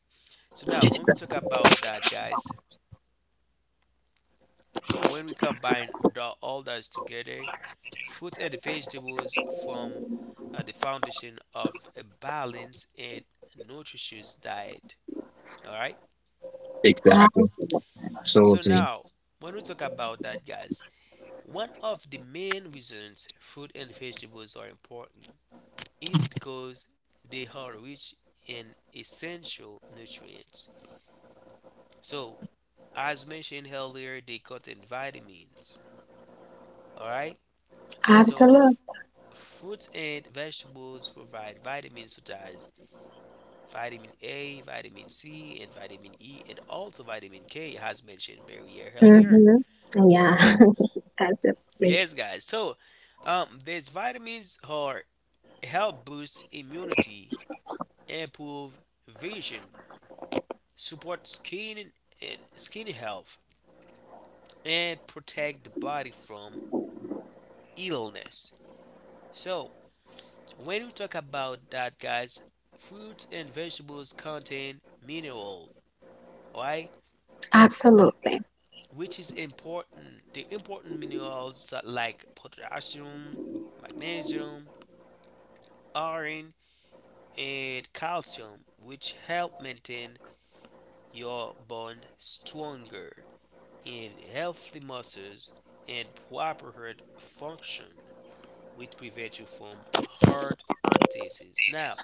A: So now when we talk
B: Exactly.
A: about that, guys, and when we combine all that together, fruits and vegetables form the foundation of a balanced and nutritious diet. All right.
B: Exactly.
A: So
B: Absolutely.
A: now, when we talk about that, guys, one of the main reasons fruit and vegetables are important is because they are rich in essential nutrients. So, as mentioned earlier, they contain vitamins. All right. So,
C: Absolutely.
A: fruits and vegetables provide vitamins such as vitamin A, vitamin C, and vitamin E, and also vitamin K, as mentioned Barrier earlier.
C: Mm-hmm. Yeah, absolutely.
A: Yes, guys. So, these vitamins are help boost immunity, improve vision, support skin and skin health, and protect the body from illness. So, when we talk about that, guys, fruits and vegetables contain mineral, right?
C: Absolutely.
A: Which is important. The important minerals like potassium, magnesium, iron, and calcium, which help maintain your bone stronger and healthy muscles and proper heart function, which prevent you from heart disease. Now,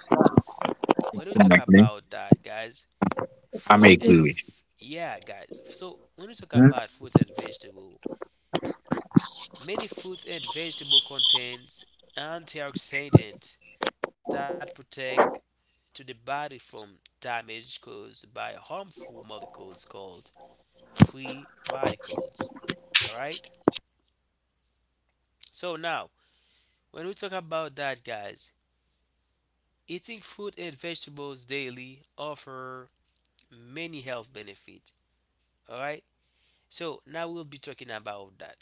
A: when we talk
B: Exactly.
A: about that, guys,
B: I may
A: fruits
C: Mhm.
B: agree
A: and
B: with you.
A: yeah, guys. So when we talk
B: Mhm.
A: about fruits and vegetable, many fruits and vegetables contains antioxidants that protect to the body from damage caused by harmful molecules called free radicals. All right? So now, when we talk about that guys, eating fruit and vegetables daily offer many health benefits. All right? So now we'll be talking about that.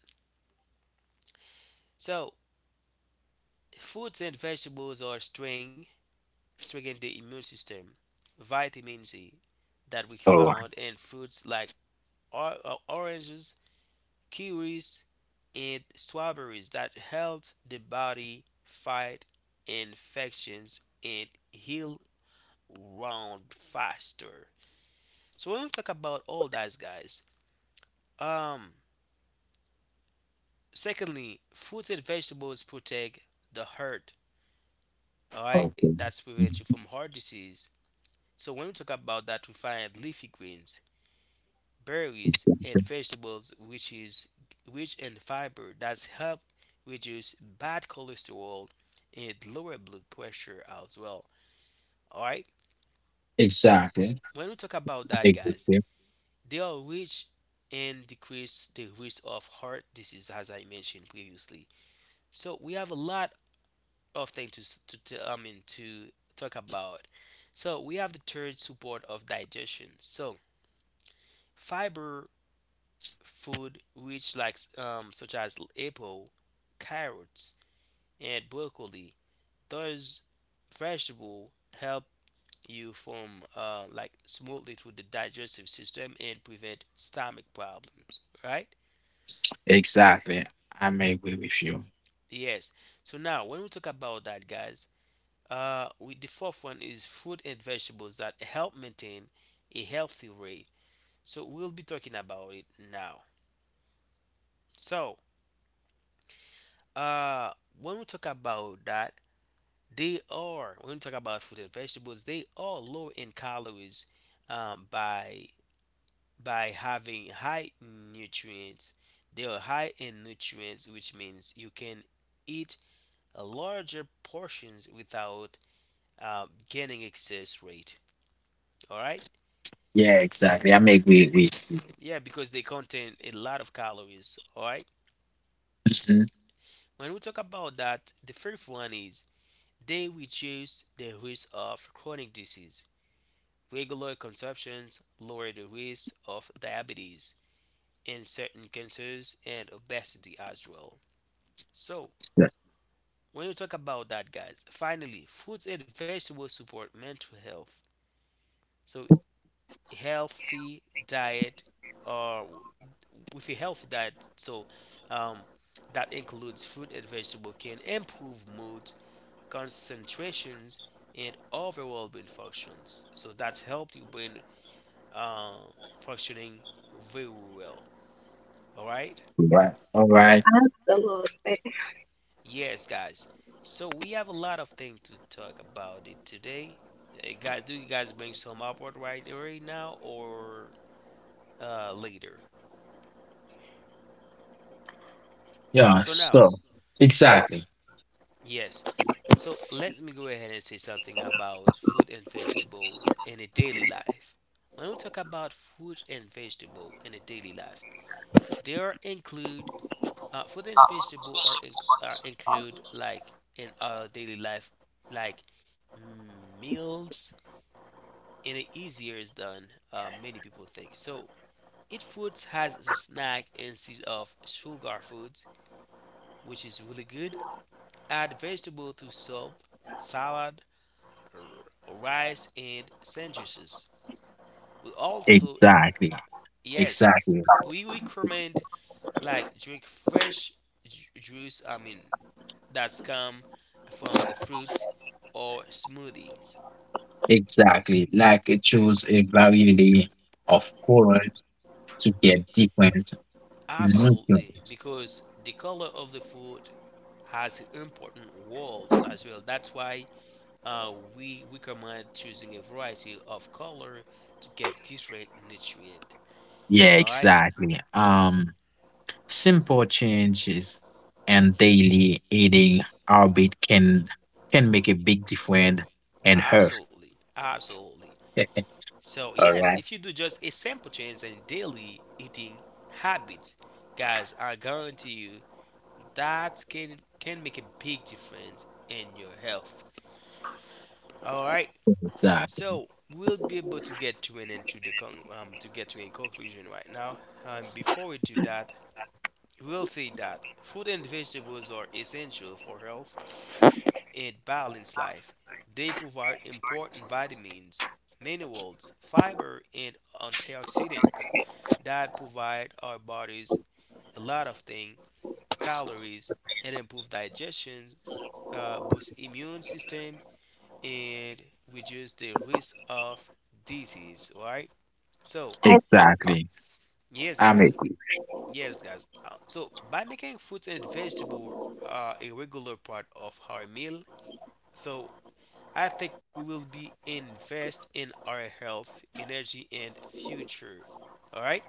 A: So, fruits and vegetables are strength, strengthen the immune system, vitamin C, that we
B: So,
A: found in fruits like oranges, kiwis, and strawberries that helped the body fight infections and heal wound faster. So we're gonna talk about all that, guys. Um, secondly, fruits and vegetables protect the heart. All right,
B: okay.
A: that's prevent you from
B: Mhm.
A: heart disease. So when we talk about that, we find leafy greens, berries and vegetables which is rich in fiber that help reduce bad cholesterol and lower blood pressure as well, all right,
B: Exactly.
A: when we talk about
B: I may
A: that
B: agree with
A: guys,
B: you.
A: they are rich and decrease the risk of heart disease as I mentioned previously. So we have a lot of things to I mean to talk about. So we have the third support of digestion. So fiber food which like such as apple, carrots, and broccoli. Those vegetable help you form like smoothly through the digestive system and prevent stomach problems, right?
B: Exactly. I may agree with you.
A: Yes. So now when we talk about that, guys, the fourth one is fruit and vegetables that help maintain a healthy weight. So we'll be talking about it now. So uh, when we talk about that, they are, when we talk about fruit and vegetables, they are low in calories um, by by having high nutrients. They are high in nutrients, which means you can eat larger portions without gaining excess weight. All right?
B: Yeah, exactly. I make way way.
A: Yeah, because they contain a lot of calories. All right?
B: Mhm.
A: When we talk about that, the fifth one is they reduce the risk of chronic disease. Regular consumptions lower the risk of diabetes and certain cancers and obesity as well. So,
B: Yeah.
A: when you talk about that, guys, finally, fruits and vegetables support mental health. So, healthy diet or with a healthy diet, so um, that includes fruit and vegetable can improve mood, concentrations, and overall brain functions. So that's helped your brain uh, functioning very well. All right.
B: Yeah. Right. All right.
C: Absolutely.
A: Yes, guys. So we have a lot of things to talk about it today. Guys, do you guys bring some upward right now or later?
B: Yeah.
A: So now,
B: So exactly.
A: yes. So let me go ahead and say something about fruit and vegetables in a daily life. When we talk about fruit and vegetable in a daily life, there include fruit and vegetable are, in, are include like in our daily life, like meals, and it easier is than many people think. So eat foods has a snack instead of sugar foods, which is really good. Add vegetable to soup, salad, rice, and sandwiches. We also
B: Exactly.
A: yes,
B: Exactly.
A: we recommend like drink fresh juice. That come from the fruits or smoothies.
B: Exactly. Like it shows a variety of colors to get
A: To,
B: different
A: absolutely,
B: nutrients.
A: because the color of the food has important roles as well. That's why we recommend choosing a variety of color to get different nutrient.
B: Yeah,
A: All right.
B: exactly. Simple changes and daily eating habit can make a big difference in her.
A: Absolutely, absolutely. So
B: All
A: yes,
B: right.
A: if you do just a simple change in daily eating habits, guys, I guarantee you that can make a big difference in your health. All right,
B: Exactly.
A: so we'll be able to get to an end to the to get to a conclusion right now. Before we do that, we'll say that fruit and vegetables are essential for health and balanced life. They provide important vitamins, minerals, fiber, and antioxidants that provide our bodies a lot of things, calories, and improve digestion, boost immune system, and reduce the risk of disease. All right, so
C: Exactly.
B: Exactly.
A: yes,
B: I'm
A: guys,
B: agree.
A: yes, guys. So by making fruits and vegetable a regular part of our meal, so I think we will be invest in our health, energy, and future. All right.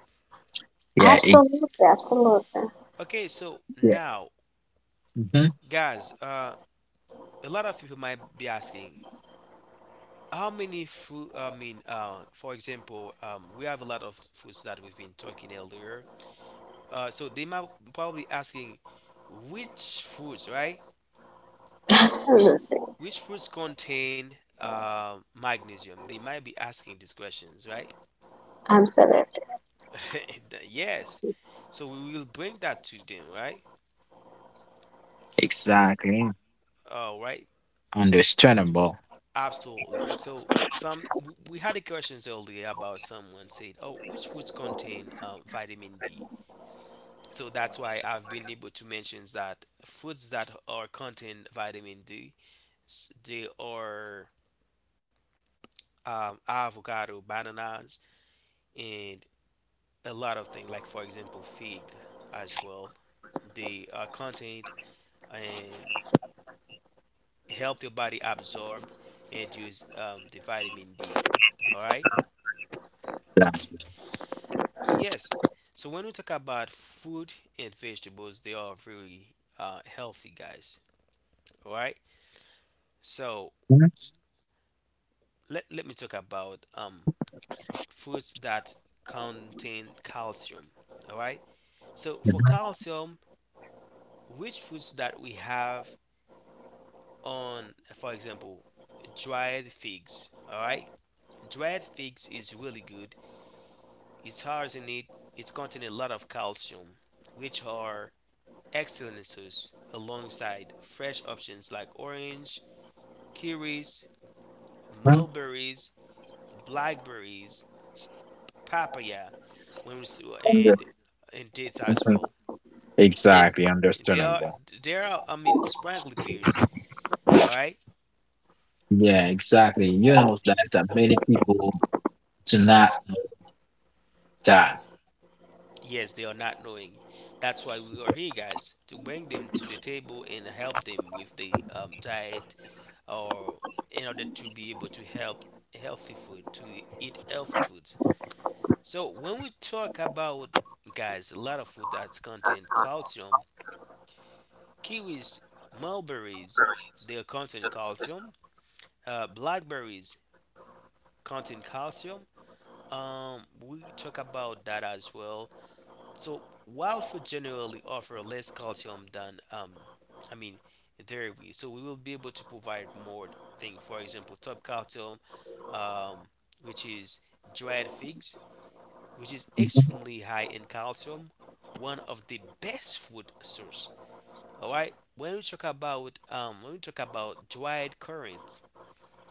B: Yeah. It,
C: Absolutely. Absolutely.
A: Okay, so
B: yeah.
A: now,
B: Mhm.
A: guys, a lot of people might be asking, how many fruit? We have a lot of fruits that we've been talking earlier. So they might probably asking, which fruits, right?
C: Absolutely.
A: Which fruits contain magnesium? They might be asking these questions, right?
C: Absolutely.
A: Yes. So we will bring that to them, right?
B: Exactly.
A: All right.
B: Understandable.
A: Absolutely. So some we had the questions earlier about someone said, "Oh, which foods contain vitamin D?" So that's why I've been able to mention that foods that are contain vitamin D, they are avocado, bananas, and a lot of things. Like for example, fig as well. They are contained and help your body absorb and use the vitamin D. All right.
B: Yeah.
A: Yes. So when we talk about food and vegetables, they are very healthy, guys. All right. So
B: Mhm.
A: let me talk about fruits that contain calcium. All right. So for calcium, which fruits that we have on, for example, dried figs. All right. Dried figs is really good. It's hard in it. It's containing a lot of calcium, which are excellent source alongside fresh options like orange, kiwis,
B: Mhm.
A: mulberries, blackberries, papaya, when we
B: Under-
A: and and dates as
B: mhm.
A: well. And
B: Exactly.
A: they are
B: Understandable.
A: they are I mean sprightly peers, all right?
B: Yeah. Exactly. You know that, that many people do not know that.
A: Yes, they are not knowing. That's why we are here, guys, to bring them to the table and help them with the diet or in order to be able to help healthy food, to eat healthy foods. So when we talk about, guys, a lot of food that's contain calcium, kiwis, mulberries, they contain calcium, blackberries contain calcium. Um, we talk about that as well. So wild food generally offer less calcium than I mean, dairy. So we will be able to provide more thing. For example, top calcium, um, which is dried figs, which is
B: Mhm.
A: extremely high in calcium, one of the best food source. All right. When we talk about dried currants,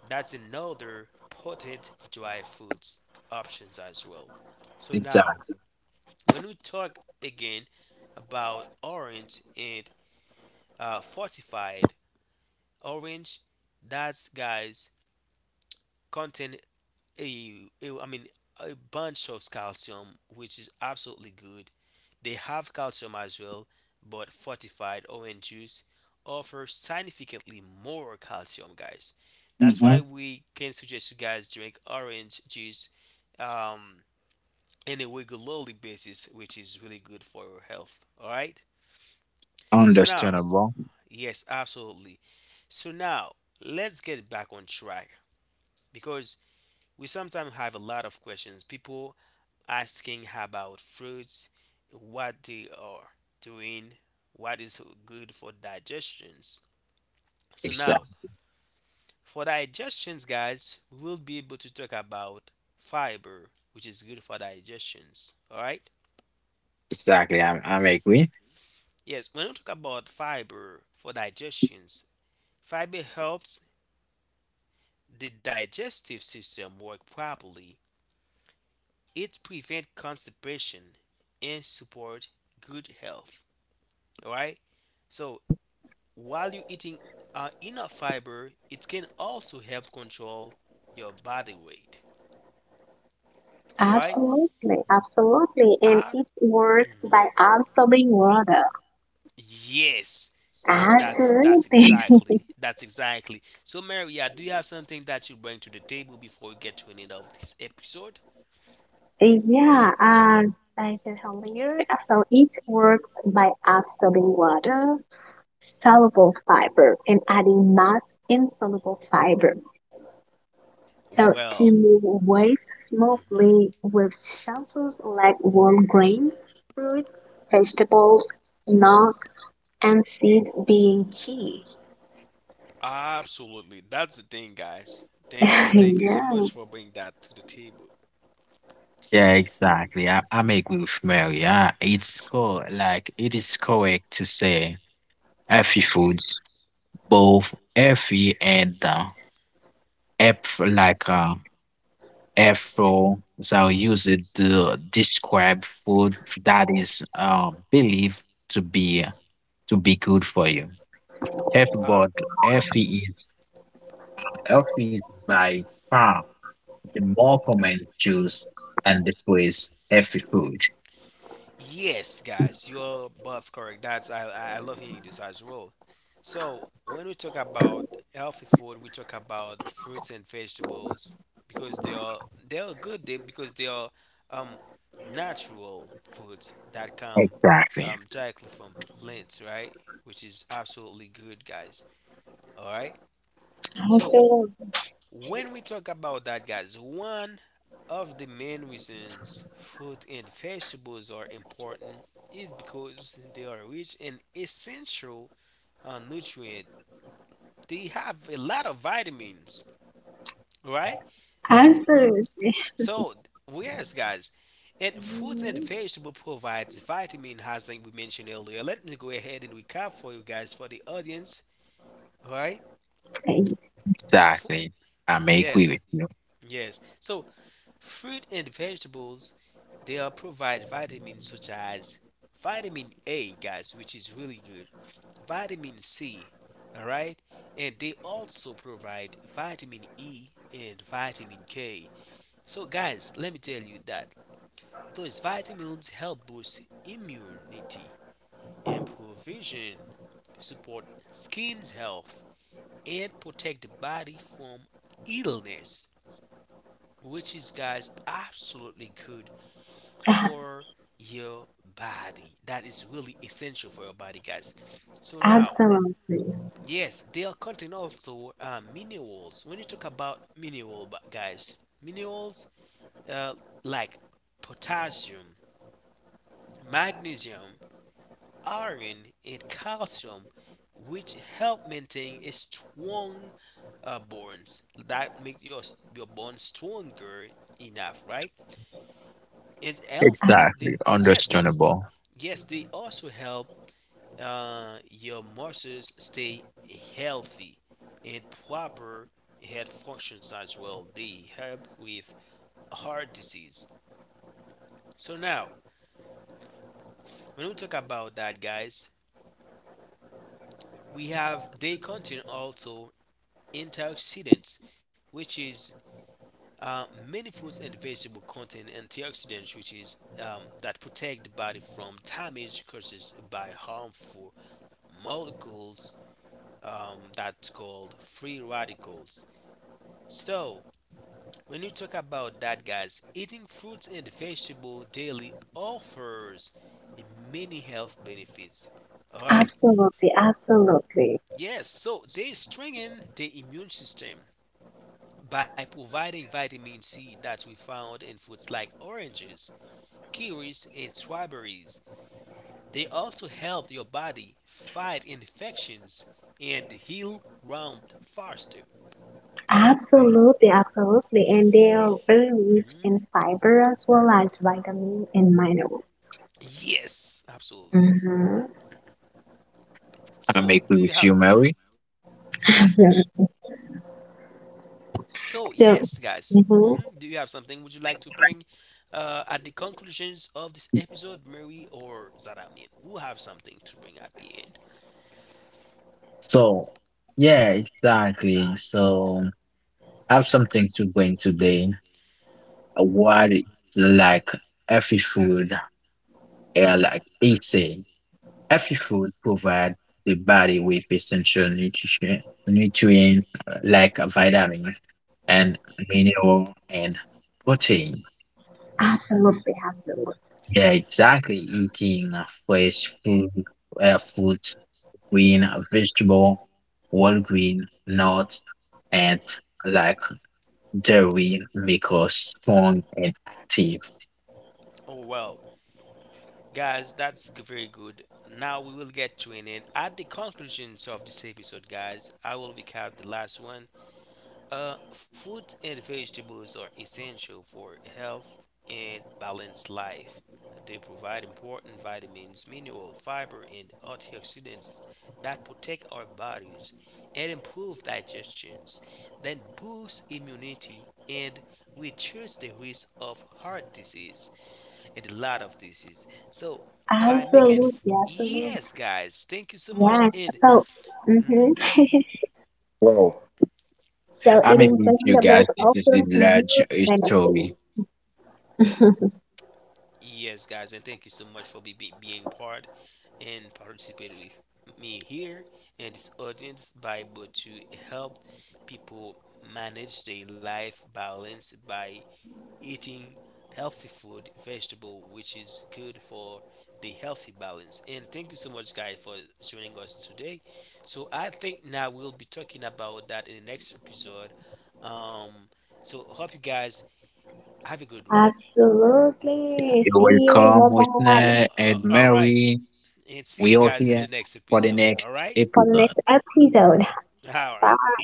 A: that's another potent dry foods options as well. So now,
B: Exactly.
A: when we talk again about orange and fortified orange, that's, guys, contain a I mean a bunch of calcium, which is absolutely good. They have calcium as well, but fortified orange juice offers significantly more calcium, guys. That's
B: Hmm.
A: why we can suggest you guys drink orange juice um, on a regularly basis, which is really good for your health. All right. So now,
B: Understandable.
A: yes, absolutely. So now let's get back on track because we sometimes have a lot of questions. People asking about fruits, what they are doing, what is good for digestions. So now,
B: Exactly.
A: for digestions, guys, we will be able to talk about fiber, which is good for digestions. All right?
B: Exactly, I'm agree.
A: Yes, when we talk about fiber for digestions, fiber helps the digestive system work properly. It prevents constipation and support good health. All right? So while you're eating enough fiber, it can also help control your body weight. All right?
C: Absolutely. Absolutely. And
A: Ah,
C: it works by
A: mhm.
C: absorbing water.
A: Yes, that's that's
C: Absolutely.
A: exactly that's exactly. So, Maria, do you have something that you bring to the table before we get to an end of this episode?
C: Yeah, and like I said earlier, so it works by absorbing water, soluble fiber, and adding mass in soluble fiber. So to
A: Well,
C: move waste
A: hmm,
C: smoothly with shells like warm grains, fruits, vegetables, nuts, and seeds being key.
A: absolutely. That's the thing, guys. Thank you so
C: Yeah,
A: much for bringing that to the table.
B: Yeah, exactly. I'm agree with Mary. It's co like it is correct to say healthy
A: Hmm.
B: foods, both healthy and F like Afro so use it to describe food that is believed to be uh, to be good for you. F
A: Uh,
B: but
A: mhm.
B: healthy is healthy is by far the more common choice and the phrase healthy food.
A: Yes, guys, you're both correct. That's I love hearing this as well. So when we talk about healthy food, we talk about fruits and vegetables because they are good they, because they are um natural foods that come
B: Exactly.
A: directly from plants, right? Which is absolutely good, guys. All right. So
C: absolutely.
A: when we talk about that, guys, one of the main reasons fruit and vegetables are important is because they are rich in essential nutrient. They have a lot of vitamins, right? We-
C: Absolutely.
A: So yes, guys, and fruits and vegetable provides vitamin, as like we mentioned earlier. Let me go ahead and recap for you guys for the audience, all right?
C: Mhm.
A: Fu-
B: Exactly. I may agree with
A: yes,
B: you.
A: yes. So fruit and vegetables, they are provide vitamins such as vitamin A, guys, which is really good, vitamin C, all right, and they also provide vitamin E and vitamin K. So, guys, let me tell you that those vitamins help boost immunity, improve vision, support skin's health, and protect the body from illness, which is, guys, absolutely good for your body. That is really essential for your body, guys. So now,
C: Absolutely.
A: yes, they are contain also minerals. When you talk about mineral, guys, minerals uh, like potassium, magnesium, iron, and calcium, which help maintain a strong bones that make your bones stronger enough, right? And healthy. They,
B: Exactly.
A: yeah, they,
B: Understandable.
A: yes, they also help your muscles stay healthy and proper head functions as well. They help with heart disease. So now, when we talk about that, guys, we have they contain also antioxidants, which is many foods and vegetables contain antioxidants, which is that protect the body from damage caused by harmful molecules that's called free radicals. So when you talk about that, guys, eating fruits and vegetables daily offers many health benefits. All right.
C: Absolutely, absolutely,
A: Yes. So they strengthen the immune system by providing vitamin C that we found in fruits like oranges, kiwis, and strawberries. They also help your body fight infections and heal wound faster.
C: absolutely, absolutely. And they are very rich
A: Mhm.
C: in fiber as well as vitamin and mineral.
A: Yes, absolutely.
C: Mm-hmm.
B: I may
A: So,
B: agree
A: do
B: with
A: you
B: you,
A: have? Mhm.
B: Mary.
A: So
C: So,
A: yes, guys.
C: hmm
A: Hmm. Do you have something would you like to bring at the conclusions of this episode, Mary or Zaramin? Who have something to bring at the end?
B: So, yeah, exactly. So, I have something to bring today. What
A: Um.
B: is like healthy food? Like easy. Healthy food provide the body with essential nutrition, nutrient like vitamin and mineral and protein.
C: absolutely,
B: Yeah, exactly. Eating fresh food, fruits, green vegetable, whole grain, nuts, and like dairy make us strong and active.
A: Oh well, guys, that's very good. Now we will get to an end. At the conclusions of this episode, guys, I will recap the last one. Fruits and vegetables are essential for health and balanced life. They provide important vitamins, mineral, fiber, and antioxidants that protect our bodies and improve digestions, then boost immunity and reduce the risk of heart disease and a lot of disease. So by making
C: absolutely.
A: yes, guys, thank you so much
C: Yes.
A: and.
C: So, hmm
A: Mhm.
B: Wow,
C: so
B: I'm
C: eating
B: with you guys.
C: vegetables
B: This is the
C: offers huge
B: large story.
C: benefits.
A: Yes, guys, and thank you so much for being part and participate with me here and this audience by able to help people manage their life balance by eating healthy food vegetable which is good for the healthy balance, and thank you so much, guys, for joining us today. So I think now we'll be talking about that in the next episode. Um so hope you guys have a good one.
C: Absolutely.
B: You're
C: See
A: Yeah.
C: you.
B: welcome,
C: Bye bye.
B: listener and
A: All right,
B: Mary.
A: and see you
B: We are
A: guys in the
B: here
A: next
B: for the
A: episode.
B: next
A: All right.
C: For the
B: episode.
C: next episode.
A: All right.
C: Bye.